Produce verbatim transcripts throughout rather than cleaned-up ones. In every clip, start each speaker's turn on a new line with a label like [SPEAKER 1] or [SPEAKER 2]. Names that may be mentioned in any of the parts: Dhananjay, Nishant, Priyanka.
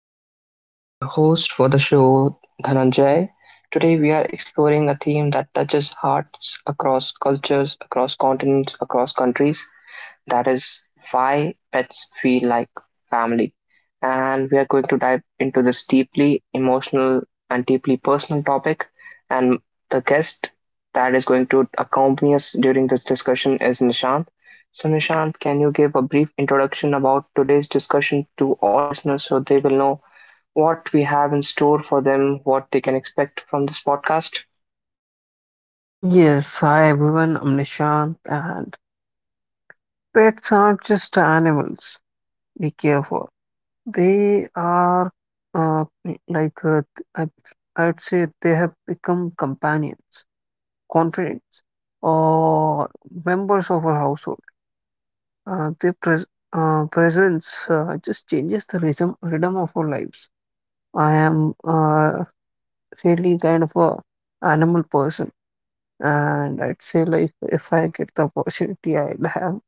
[SPEAKER 1] guys. I'm your host for the show, Dhananjay. Today, we are exploring a theme that touches hearts across cultures, across continents, across countries. That is why pets feel like family. And we are going to dive into this deeply emotional and deeply personal topic. And the guest that is going to accompany us during this discussion is Nishant. So, Nishant, can you give a brief introduction about today's discussion to all listeners so they will know what we have in store for them, what they can expect from this podcast?
[SPEAKER 2] Yes, hi everyone, I'm Nishant, and pets aren't just animals we care for. They are uh, like, uh, I, I'd say they have become companions, confidants, or members of our household. Uh, their pres uh, presence uh, just changes the rhythm, rhythm of our lives. I am uh, really kind of a animal person, and I'd say like if I get the opportunity, I'll have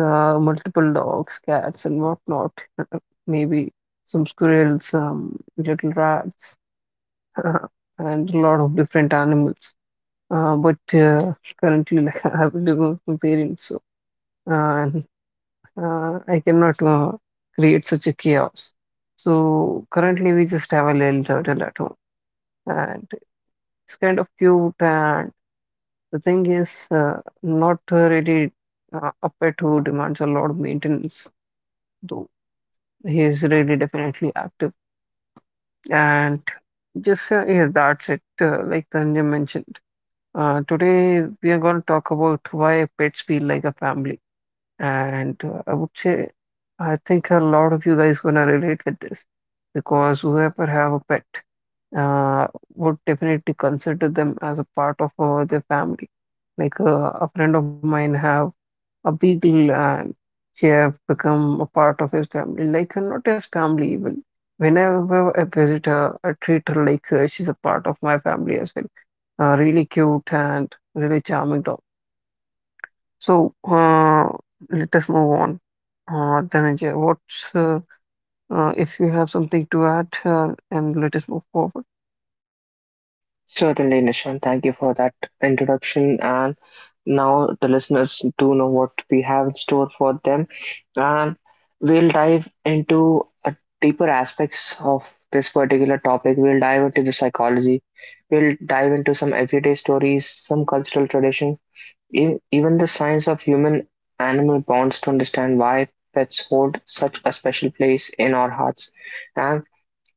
[SPEAKER 2] uh, multiple dogs, cats, and whatnot. Maybe some squirrels, some little rats, and a lot of different animals. Uh, but uh, Currently, like I have living with my parents, so, uh, and uh, I cannot uh, create such a chaos. So currently, we just have a little turtle at home, and it's kind of cute. And the thing is, uh, not uh, really uh, a pet who demands a lot of maintenance though. He's really definitely active. And just uh, yeah, that's it. Uh, like Tanjay mentioned, uh, today we are going to talk about why pets feel like a family. And uh, I would say, I think a lot of you guys gonna relate with this because whoever have a pet uh, would definitely consider them as a part of uh, their family. Like uh, a friend of mine have a big land. She have become a part of his family, like uh, not his family even. Whenever I visit her, I treat her like uh, she's a part of my family as well. Uh, really cute and really charming dog. So uh, let us move on. Uh, Dhananjay, what's uh, uh, if you have something to add, uh, and let us move forward.
[SPEAKER 1] Certainly, Nishan. Thank you for that introduction. And now the listeners do know what we have in store for them. And we'll dive into a deeper aspects of this particular topic. We'll dive into the psychology. We'll dive into some everyday stories, some cultural tradition, ev- even the science of human animal bonds to understand why pets hold such a special place in our hearts. And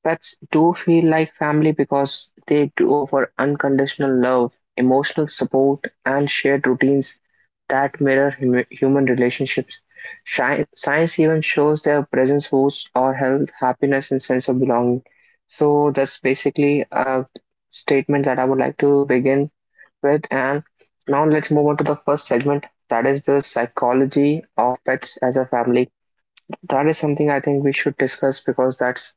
[SPEAKER 1] pets do feel like family because they do offer unconditional love, emotional support, and shared routines that mirror hum- human relationships. Sci- Science even shows their presence boosts our health, happiness, and sense of belonging. So that's basically a statement that I would like to begin with. And now let's move on to the first segment, that is the psychology of pets as a family. That is something I think we should discuss because that's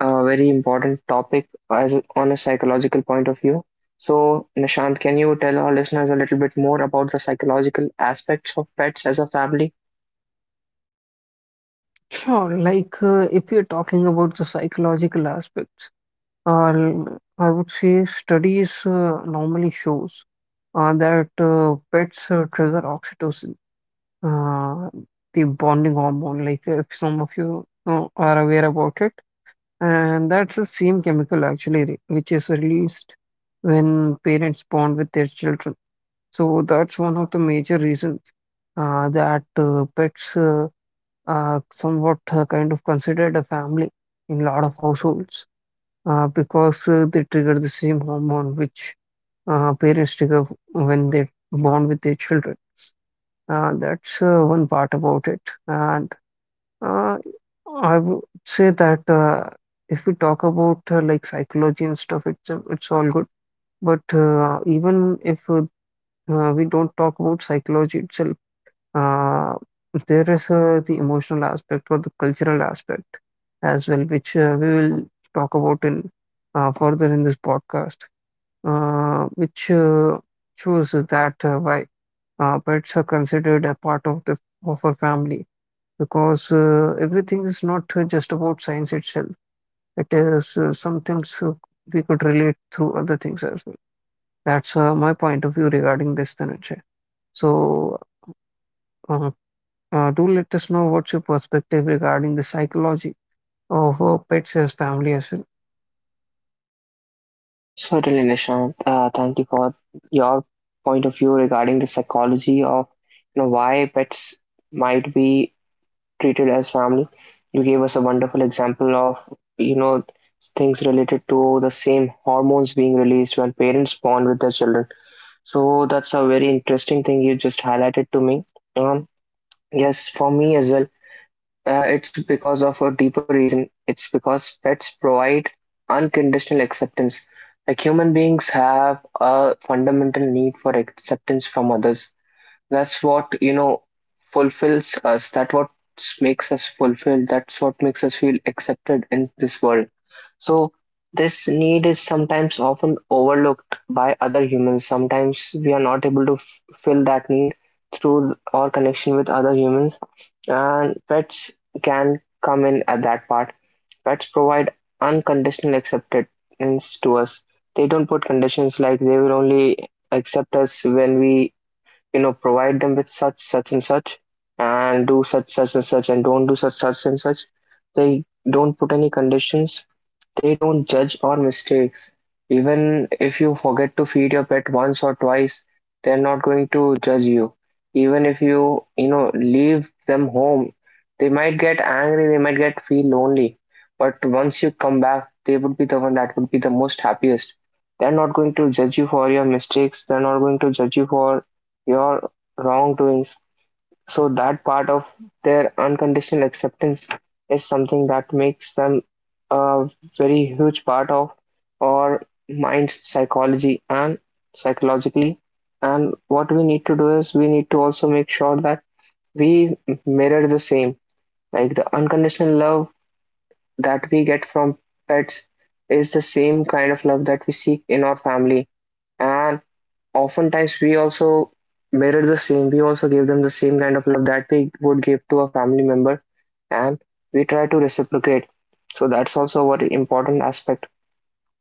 [SPEAKER 1] a very important topic as on a psychological point of view. So, Nishant, can you tell our listeners a little bit more about the psychological aspects of pets as a family?
[SPEAKER 2] Sure, like uh, if you're talking about the psychological aspects, Uh, l- I would say studies uh, normally shows uh, that uh, pets uh, trigger oxytocin, uh, the bonding hormone. Like if some of you uh, are aware about it, and that's the same chemical actually re- which is released when parents bond with their children. So that's one of the major reasons uh, that uh, pets uh, are somewhat uh, kind of considered a family in a lot of households uh, because uh, they trigger the same hormone which uh, parents trigger when they bond with their children. Uh, that's uh, one part about it. And uh, I would say that uh, if we talk about uh, like psychology and stuff, it's uh, it's all good. But uh, even if uh, uh, we don't talk about psychology itself, uh, there is uh, the emotional aspect or the cultural aspect as well, which uh, we will talk about in uh, further in this podcast, uh, which uh, shows that uh, why uh, pets are considered a part of the of our family because uh, everything is not uh, just about science itself. It is uh, some things uh, we could relate through other things as well. That's uh, my point of view regarding this, Dhananjay. So. uh, Uh, do let us know what's your perspective regarding the psychology of uh, pets as family as well.
[SPEAKER 1] Certainly, Nishant. Uh, thank you for your point of view regarding the psychology of you know why pets might be treated as family. You gave us a wonderful example of you know things related to the same hormones being released when parents bond with their children. So that's a very interesting thing you just highlighted to me. Um, yes, for me as well. Uh, it's because of a deeper reason. It's because pets provide unconditional acceptance. Like human beings have a fundamental need for acceptance from others. That's what, you know, fulfills us. That what makes us fulfilled. That's what makes us feel accepted in this world. So this need is sometimes often overlooked by other humans. Sometimes we are not able to f- fill that need through our connection with other humans, and pets can come in at that part. Pets provide unconditional acceptance to us. They don't put conditions, like they will only accept us when we you know provide them with such such and such and do such such and such and don't do such such and such. They don't put any conditions, they don't judge our mistakes. Even if you forget to feed your pet once or twice, they're not going to judge you. Even if you, you know, leave them home, they might get angry, they might get feel lonely. But once you come back, they would be the one that would be the most happiest. They're not going to judge you for your mistakes, they're not going to judge you for your wrongdoings. So that part of their unconditional acceptance is something that makes them a very huge part of our mind's psychology and psychologically. And what we need to do is we need to also make sure that we mirror the same. Like the unconditional love that we get from pets is the same kind of love that we seek in our family. And oftentimes we also mirror the same, we also give them the same kind of love that we would give to a family member, and we try to reciprocate. So that's also a very important aspect.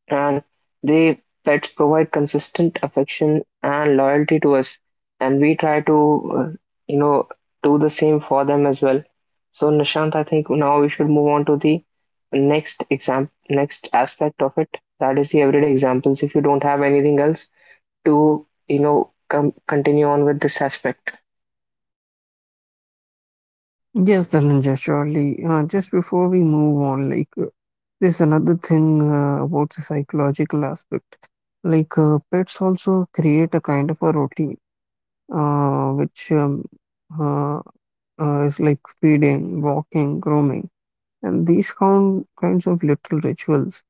[SPEAKER 1] And the pets provide consistent affection and loyalty to us, and we try to uh, you know do the same for them as well. So, Nishant, I think now we should move on to the next exam next aspect of it, that is the everyday examples, if you don't have anything else to you know com- continue on with this aspect.
[SPEAKER 2] Yes, Dhananjay, surely. Uh, just before we move on, like uh, there's another thing uh, about the psychological aspect. Like uh, pets also create a kind of a routine, uh, which um, uh, uh, is like feeding, walking, grooming, and these kind kinds of little rituals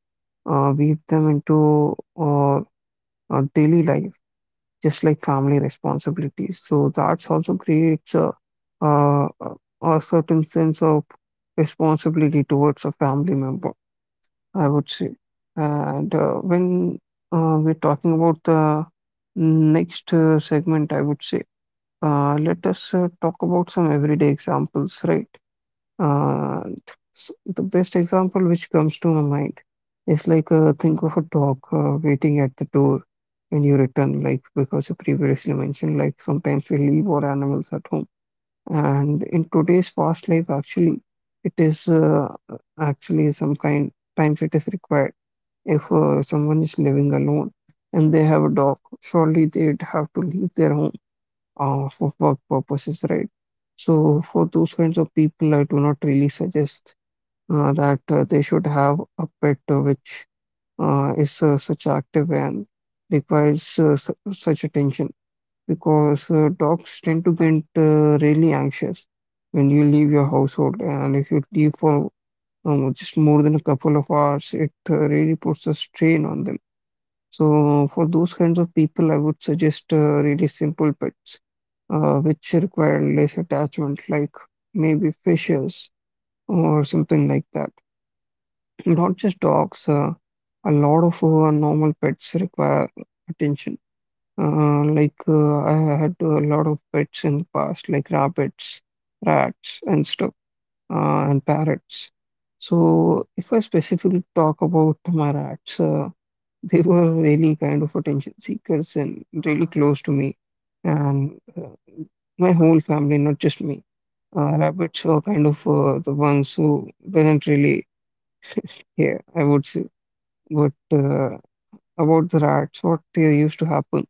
[SPEAKER 2] uh, weave them into our, our daily life. Just like family responsibilities. So that's also creates a, a, a certain sense of responsibility towards a family member, I would say. And uh, when uh, we're talking about the next uh, segment, I would say, uh, let us uh, talk about some everyday examples, right? And s the best example which comes to my mind is like uh, think of a dog uh, waiting at the door when you return, like because you previously mentioned, like sometimes we leave our animals at home. And in today's fast life, actually, it is uh, actually some kind times it is required. If uh, someone is living alone and they have a dog, surely they'd have to leave their home uh, for work purposes, right? So for those kinds of people, I do not really suggest uh, that uh, they should have a pet uh, which uh, is uh, such active and requires uh, su such attention because uh, dogs tend to get uh, really anxious when you leave your household, and if you leave for um, just more than a couple of hours, it uh, really puts a strain on them. So for those kinds of people, I would suggest uh, really simple pets uh, which require less attachment, like maybe fishes or something like that. Not just dogs. Uh, a lot of uh, normal pets require attention. Uh, like uh, I had a lot of pets in the past, like rabbits, rats, and stuff, uh, and parrots. So if I specifically talk about my rats, uh, they were really kind of attention seekers and really close to me and uh, my whole family, not just me. Uh, rabbits were kind of uh, the ones who didn't really care, I would say. But uh, about the rats, what uh, used to happen,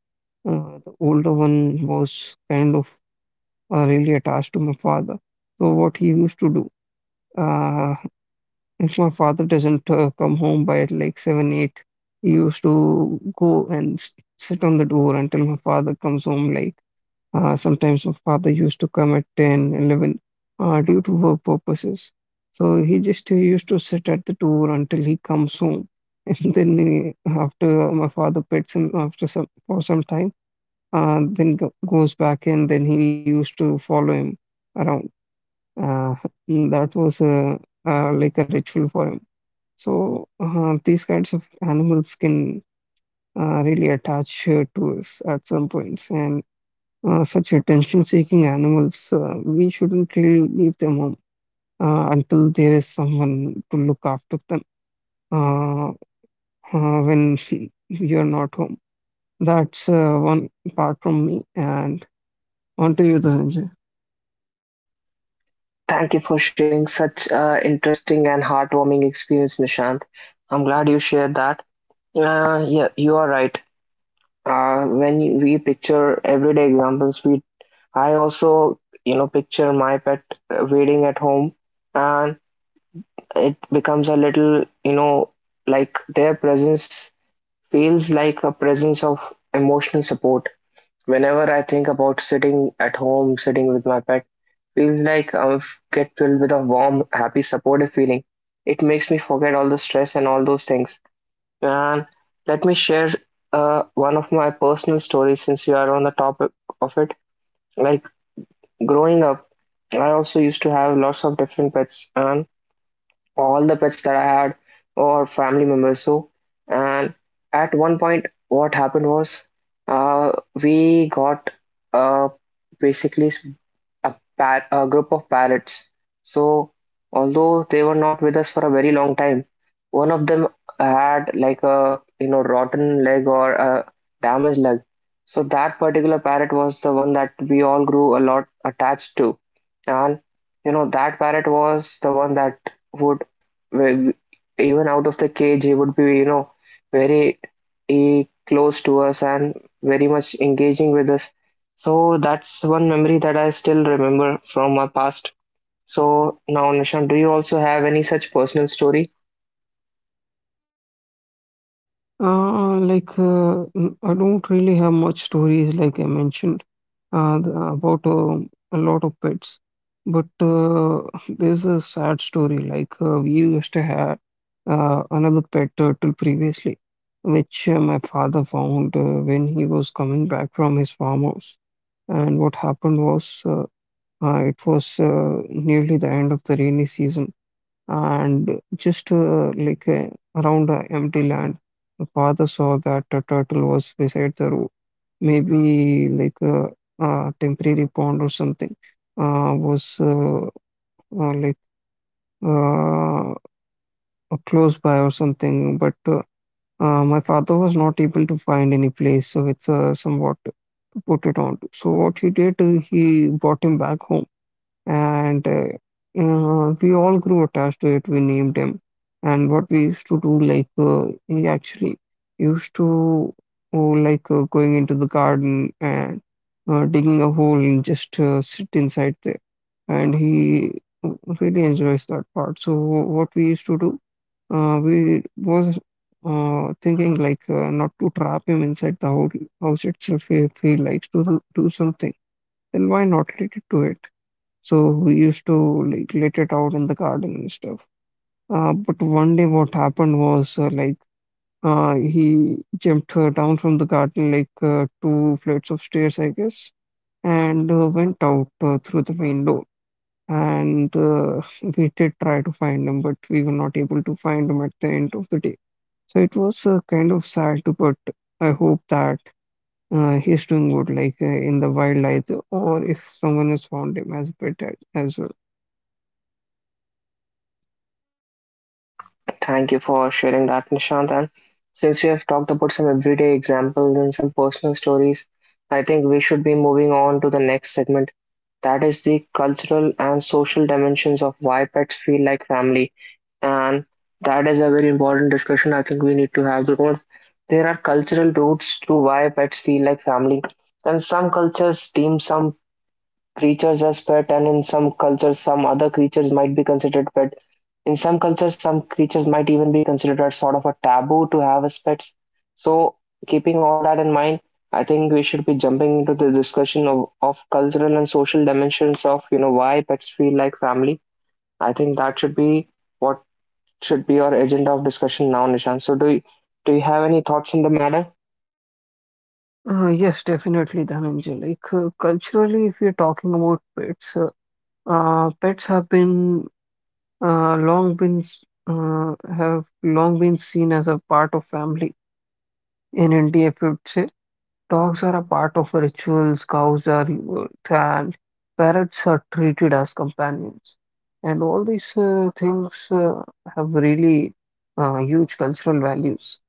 [SPEAKER 2] uh, the older one was kind of uh, really attached to my father. So what he used to do, uh, if my father doesn't uh, come home by like seven, eight, he used to go and s- sit on the door until my father comes home. Like uh, sometimes my father used to come at ten eleven, uh, due to work purposes. So he just uh, used to sit at the door until he comes home. And then he, after my father pets him after some for some time, uh, then go, goes back and then he used to follow him around. Uh, that was uh, uh, like a ritual for him. So uh, these kinds of animals can uh, really attach uh, to us at some points, and uh, such attention-seeking animals, uh, we shouldn't really leave them home uh, until there is someone to look after them uh, uh, when you're not home. That's uh, one part from me, and on to you, Dhananjay.
[SPEAKER 1] Thank you for sharing such uh, interesting and heartwarming experience, Nishant. I'm glad you shared that. Uh, yeah, you are right. Uh, when you- we picture everyday examples, we I also you know picture my pet uh, waiting at home, and it becomes a little you know like their presence feels like a presence of emotional support. Whenever I think about sitting at home, sitting with my pet, feels like I get filled with a warm, happy, supportive feeling. It makes me forget all the stress and all those things. And let me share uh, one of my personal stories since we are on the topic of it. Like growing up, I also used to have lots of different pets, and all the pets that I had or family members. So, and at one point, what happened was uh, we got uh, basically a par- a group of parrots. So, although they were not with us for a very long time, one of them had like a you know rotten leg or a damaged leg. So that particular parrot was the one that we all grew a lot attached to, and you know that parrot was the one that would, with, even out of the cage, he would be you know very eh, close to us and very much engaging with us. So that's one memory that I still remember from my past. So now, Nishant, do you also have any such personal story?
[SPEAKER 2] Uh, like uh, n- I don't really have much stories, like I mentioned, uh, th- about um a lot of pets. But uh, there's a sad story. Like uh, we used to have uh, another pet turtle previously, which uh, my father found uh, when he was coming back from his farmhouse. And what happened was, uh, uh, it was uh, nearly the end of the rainy season, and just uh, like uh, around the empty land, the father saw that a turtle was beside the road. Maybe like a, a temporary pond or something uh, was uh, uh, like uh, close by or something. But uh, uh, my father was not able to find any place, so it's uh, somewhat to put it on. So what he did, uh, he brought him back home and uh, uh, we all grew attached to it. We named him, and what we used to do, like uh, he actually used to oh, like uh, going into the garden and uh, digging a hole and just uh, sit inside there, and he really enjoys that part. So what we used to do, uh, we was uh, thinking like uh, not to trap him inside the whole house itself if he likes to do do something, then why not let it do it? So we used to like let it out in the garden and stuff. Uh, but one day what happened was uh, like uh, he jumped uh, down from the garden like uh, two flights of stairs, I guess, and uh, went out uh, through the main door. And uh, we did try to find him, but we were not able to find him at the end of the day. So it was uh, kind of sad, but I hope that uh, he's doing good, like uh, in the wild either, or if someone has found him as a pet a- as well.
[SPEAKER 1] Thank you for sharing that, Nishant. And since we have talked about some everyday examples and some personal stories, I think we should be moving on to the next segment. That is the cultural and social dimensions of why pets feel like family. And that is a very important discussion I think we need to have because there are cultural roots to why pets feel like family. And some cultures deem some creatures as pet, and in some cultures some other creatures might be considered pet, in some cultures some creatures might even be considered as sort of a taboo to have as pets. So keeping all that in mind, I think we should be jumping into the discussion of, of cultural and social dimensions of you know why pets feel like family. I think that should be what should be our agenda of discussion now, Nishant. So do you, do you have any thoughts on the matter?
[SPEAKER 2] Uh, yes, definitely, Dhananjay. Like uh, culturally, if you're talking about pets, uh, uh, pets have been uh, long been s- uh, have long been seen as a part of family in India. If you'd say dogs are a part of rituals, cows are revered, and parrots are treated as companions, and all these uh, things uh, have really uh, huge cultural values.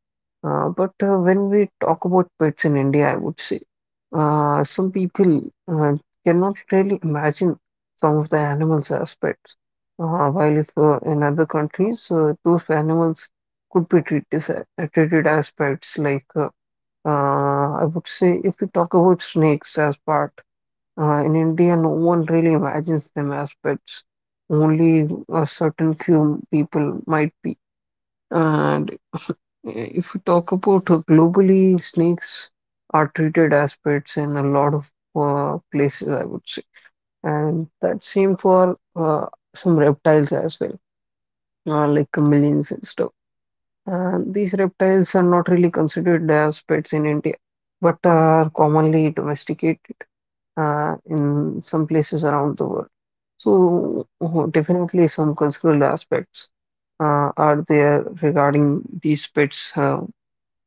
[SPEAKER 2] Uh, but uh, when we talk about pets in India, I would say uh, some people uh, cannot really imagine some of the animals as pets. Uh, while if uh, in other countries, uh, those animals could be treated as, uh, treated as pets. Like uh, uh, I would say, if we talk about snakes as part, uh, in India, no one really imagines them as pets. Only a certain few people might be. And if, if we talk about uh, globally, snakes are treated as pets in a lot of uh, places, I would say. And that's same for uh, some reptiles as well, uh, like chameleons and stuff. And these reptiles are not really considered as pets in India, but are commonly domesticated uh, in some places around the world. So, uh, definitely some cultural aspects uh, are there regarding these pets. Uh,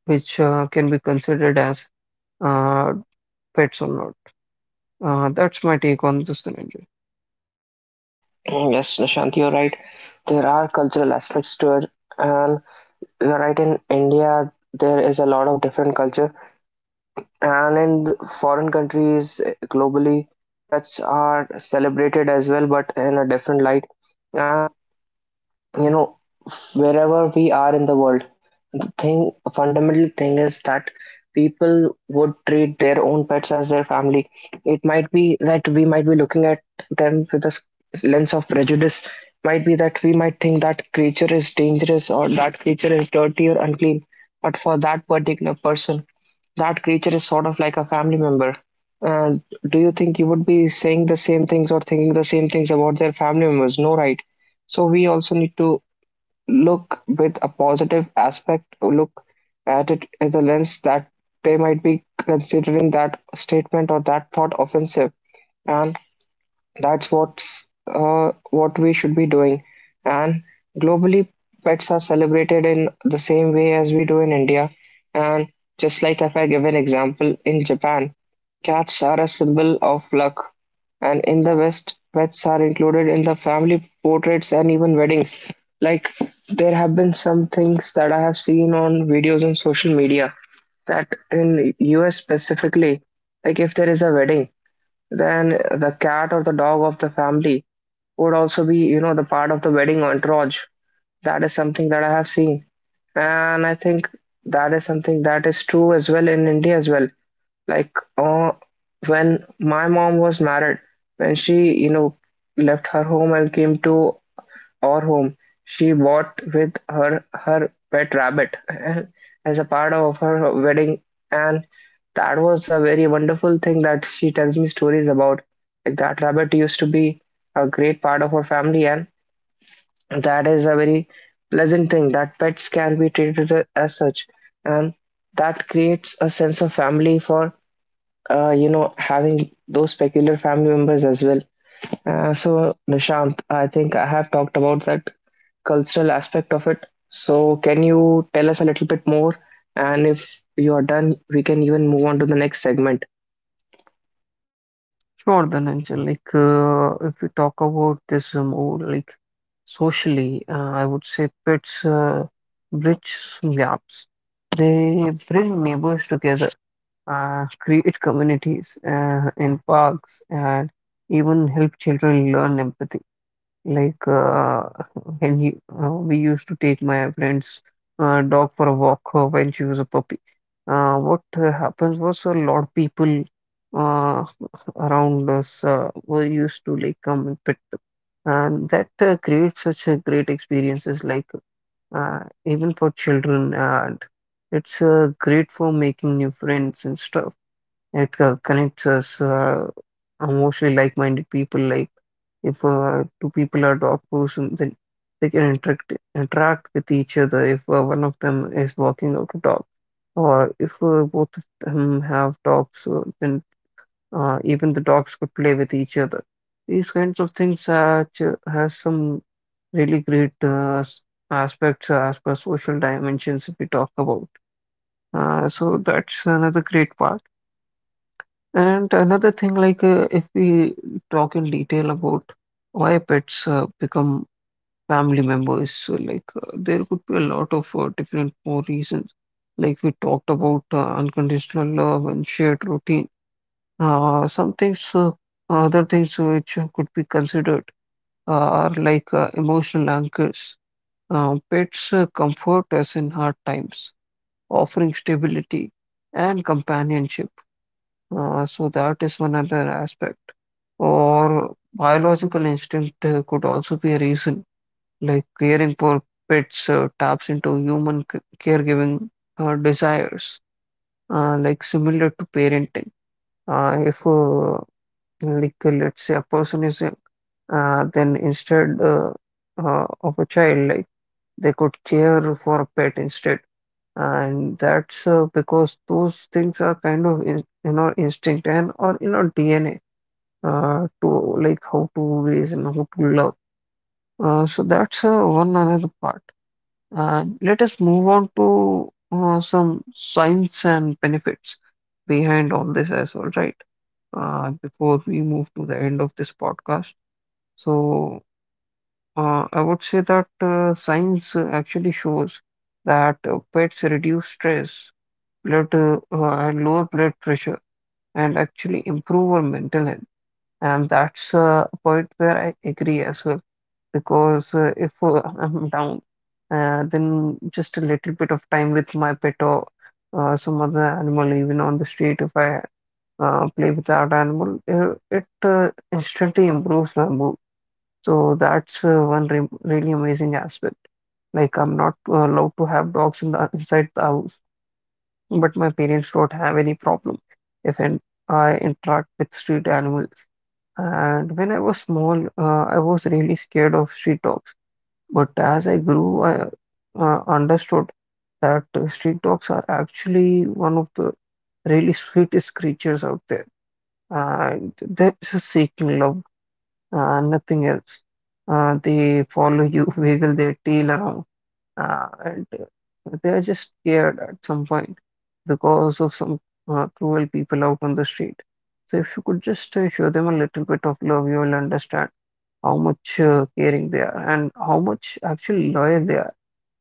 [SPEAKER 2] which uh, can be considered as uh, pets or not. Uh, that's my take on this, Dhananjay.
[SPEAKER 1] Yes, Nishant, you're right, there are cultural aspects to it. And you're right, in India, there is a lot of different culture, and in the foreign countries, eh, globally, pets are celebrated as well, but in a different light. And you know, wherever we are in the world, the thing, fundamental thing is that people would treat their own pets as their family. It might be that we might be looking at them with a s- lens of prejudice. Might be that we might think that creature is dangerous or that creature is dirty or unclean. But for that particular person, that creature is sort of like a family member. Uh, do you think you would be saying the same things or thinking the same things about their family members? No, right? So we also need to look with a positive aspect, look at it in the lens that they might be considering that statement or that thought offensive. And that's what's uh, what we should be doing. And globally, pets are celebrated in the same way as we do in India. And just like if I give an example, in Japan, cats are a symbol of luck. And in the West, pets are included in the family portraits and even weddings. Like there have been some things that I have seen on videos on social media that in U S specifically, like if there is a wedding, then the cat or the dog of the family would also be, you know, the part of the wedding entourage. That is something that I have seen. And I think that is something that is true as well in India as well. Like uh, when my mom was married, when she, you know, left her home and came to or home, she bought with her her pet rabbit as a part of her wedding, and that was a very wonderful thing that she tells me stories about. Like that rabbit used to be a great part of her family, and that is a very pleasant thing that pets can be treated a- as such, and that creates a sense of family for uh, you know having those peculiar family members as well. Uh, so, Nishant, I think I have talked about that cultural aspect of it. So, can you tell us a little bit more? And if you are done, we can even move on to the next segment.
[SPEAKER 2] Sure, Dhananjay. Like, uh, if we talk about this uh, more like socially, uh, I would say pets uh, bridge some gaps. They bring neighbors together, uh, create communities uh, in parks, and even help children learn empathy. Like uh, when you, uh, we used to take my friend's uh, dog for a walk uh, when she was a puppy. Uh, what uh, happens was a lot of people uh, around us uh, were used to like come and pet them, and that uh, creates such a great experiences. Like uh, even for children, and it's uh, great for making new friends and stuff. It uh, connects us uh, mostly like-minded people. Like if uh, two people are doctors, and then they can interact interact with each other. If uh, one of them is walking out a dog, or if uh, both of them have dogs, uh, then uh, even the dogs could play with each other. These kinds of things are, ch- has some really great uh, s- aspects as per social dimensions if we talk about. Uh, so that's another great part. And another thing, like uh, if we talk in detail about why pets uh, become family members, so like uh, there could be a lot of uh, different more reasons. Like we talked about uh, unconditional love and shared routine. Uh, some things, uh, other things which could be considered uh, are like uh, emotional anchors. Uh, pets uh, comfort us in hard times, offering stability and companionship. Uh, so that is one other aspect. Or biological instinct uh, could also be a reason, like caring for pets uh, taps into human c- caregiving uh, desires, uh, like similar to parenting. Uh, if, uh, like, uh, let's say a person is ill, uh, then instead uh, uh, of a child, like they could care for a pet instead. And that's uh, because those things are kind of in, in our instinct and or in our D N A uh, to like how to raise and how to love. Uh, so that's uh, one another part. And let us move on to uh, some signs and benefits behind all this as well, right? Uh, before we move to the end of this podcast. So uh, I would say that uh, science uh, actually shows that uh, pets reduce stress, blood uh, uh, and lower blood pressure, and actually improve our mental health. And that's uh, a point where I agree as well because uh, if uh, I'm down, uh, then just a little bit of time with my pet or uh, some other animal, even on the street, if I uh, play with that animal, uh, it uh, instantly improves my mood. So that's uh, one re really amazing aspect. Like I'm not uh, allowed to have dogs in the inside the house, but my parents don't have any problem if in, I interact with street animals. And when I was small, uh, I was really scared of street dogs but as I grew, I uh, understood that uh, street dogs are actually one of the really sweetest creatures out there. And they're just seeking love, uh, nothing else. Uh, they follow you, wiggle their tail around, uh, and uh, they're just scared at some point because of some uh, cruel people out on the street. So if you could just uh, show them a little bit of love, you will understand how much uh, caring they are and how much actually loyal they are.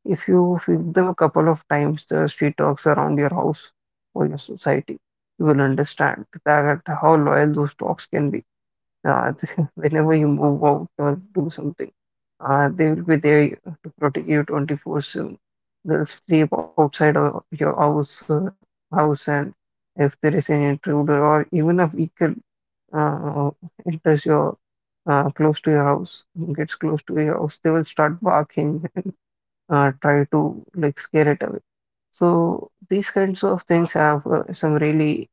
[SPEAKER 2] If you feed them a couple of times the street dogs around your house or your society, you will understand that how loyal those dogs can be. Uh, Whenever you move out or do something, uh, they will be there to protect you twenty-four seven. They'll sleep outside of your house, uh, house, and if there is an intruder or even a vehicle uh, enters your uh, close to your house, gets close to your house, they will start barking uh, try to like scare it away. So these kinds of things have uh, some really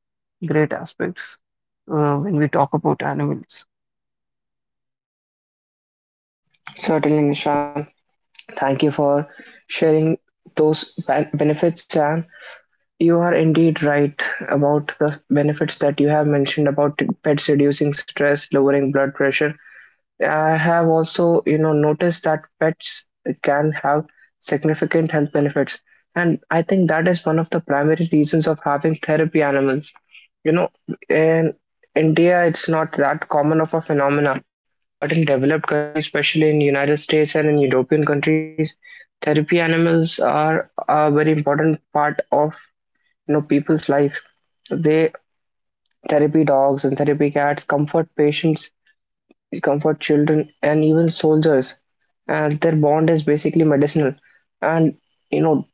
[SPEAKER 2] great aspects uh, when we talk about animals.
[SPEAKER 1] Certainly, Nishan. Thank you for sharing those ben- benefits. And you are indeed right about the benefits that you have mentioned about pets reducing stress, lowering blood pressure. I have also, you know, noticed that pets can have significant health benefits. And I think that is one of the primary reasons of having therapy animals. You know, in India, it's not that common of a phenomena, but in developed countries, especially in United States and in European countries, therapy animals are a very important part of, you know, people's life. They, therapy dogs and therapy cats comfort patients, comfort children and even soldiers, and their bond is basically medicinal, and you know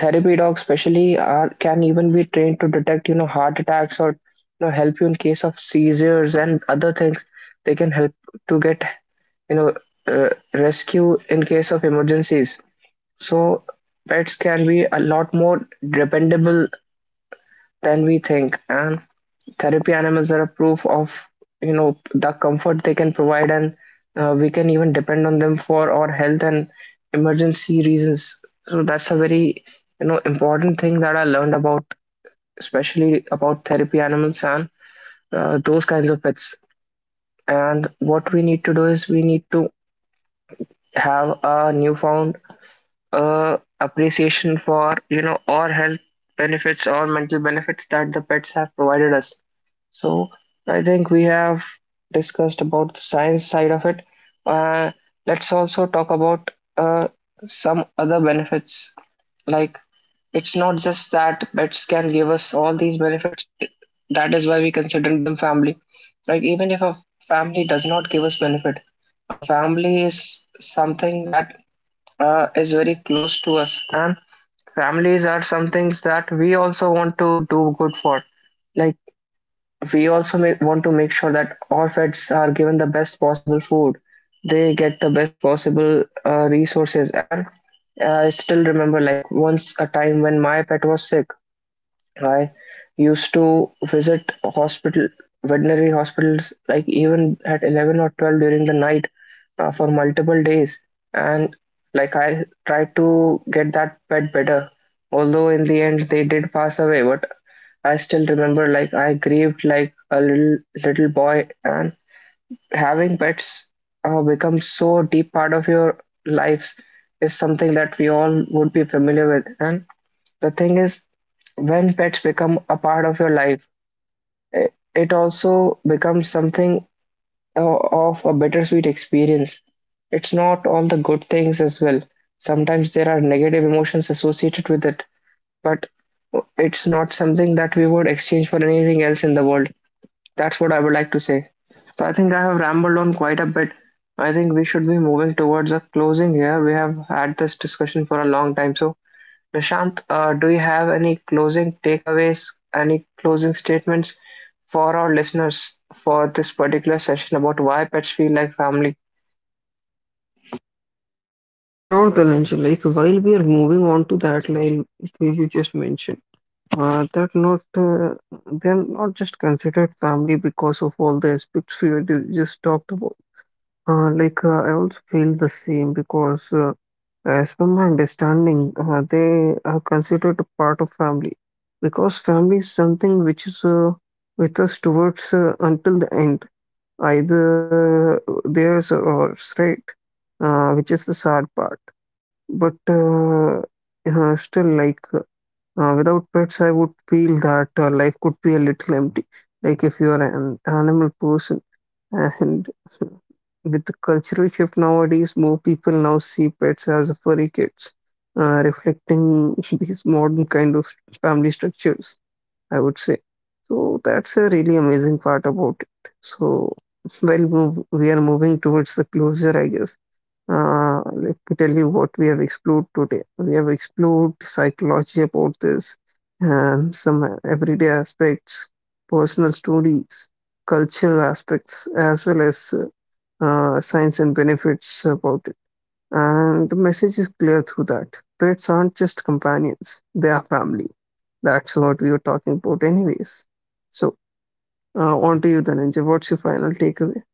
[SPEAKER 1] therapy dogs specially, are can even be trained to detect you know heart attacks or you know help you in case of seizures and other things. They can help to get you know uh, rescue in case of emergencies. So pets can be a lot more dependable than we think. And therapy animals are a proof of you know the comfort they can provide, and uh, we can even depend on them for our health and emergency reasons. So that's a very you know important thing that I learned about, especially about therapy animals and uh, those kinds of pets. And what we need to do is we need to have a newfound uh, appreciation for you know our health benefits or mental benefits that the pets have provided us. So I think we have discussed about the science side of it. Uh, let's also talk about uh, some other benefits. Like it's not just that pets can give us all these benefits. That is why we consider them family. Like even if a family does not give us benefit, a family is something that uh, is very close to us, and families are some things that we also want to do good for. Like we also ma- want to make sure that our pets are given the best possible food, they get the best possible uh, resources, and uh, i still remember like once a time when my pet was sick. I used to visit hospital, veterinary hospitals, like even at eleven or twelve during the night, uh, for multiple days, and like I tried to get that pet better. Although in the end they did pass away, but I still remember like I grieved like a little little boy. And having pets uh, become so deep part of your lives is something that we all would be familiar with. And the thing is, when pets become a part of your life, i- it also becomes something uh, of a bittersweet experience. It's not all the good things as well. Sometimes there are negative emotions associated with it, but uh, it's not something that we would exchange for anything else in the world. That's what I would like to say. So I think I have rambled on quite a bit. I think we should be moving towards a closing here. We have had this discussion for a long time. So Prashant, uh, do you have any closing takeaways, any closing statements for our listeners for this particular session about why pets feel like family?
[SPEAKER 2] Sure, Dharanjay. Like while we are moving on to that line which you just mentioned, uh, that not uh, they're not just considered family because of all the aspects we had just talked about. Uh, like uh, I also feel the same because, uh, as per my understanding, uh, they are considered a part of family because family is something which is uh, with us towards uh, until the end, either theirs or ours, right? Uh, which is the sad part. But uh, uh, still, like uh, without pets, I would feel that uh, life could be a little empty. Like if you are an animal person and with the cultural shift nowadays, more people now see pets as furry kids, uh, reflecting these modern kind of family structures, I would say. So that's a really amazing part about it. So, well, move, we are moving towards the closure, I guess. Uh, let me tell you what we have explored today. We have explored psychology about this and some everyday aspects, personal stories, cultural aspects, as well as uh, science and benefits about it. And the message is clear through that. Pets aren't just companions, they are family. That's what we were talking about, anyways. So, uh, on to you, Dhananjay. What's your final takeaway?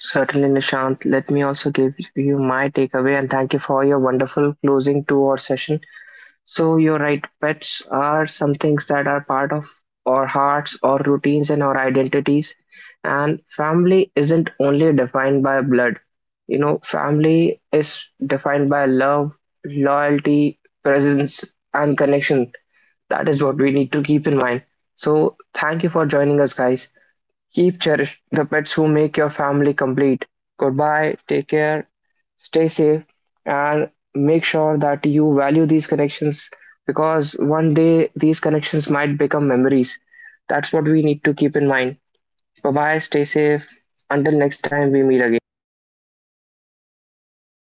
[SPEAKER 1] Certainly, Nishant. Let me also give you my takeaway, and thank you for your wonderful closing to our session. So you're right, pets are some things that are part of our hearts, our routines, and our identities. And family isn't only defined by blood. You know, family is defined by love, loyalty, presence, and connection. That is what we need to keep in mind. So thank you for joining us, guys. Keep cherish the pets who make your family complete. Goodbye, take care, stay safe, and make sure that you value these connections, because one day these connections might become memories. That's what we need to keep in mind. Bye bye, stay safe. Until next time we meet again.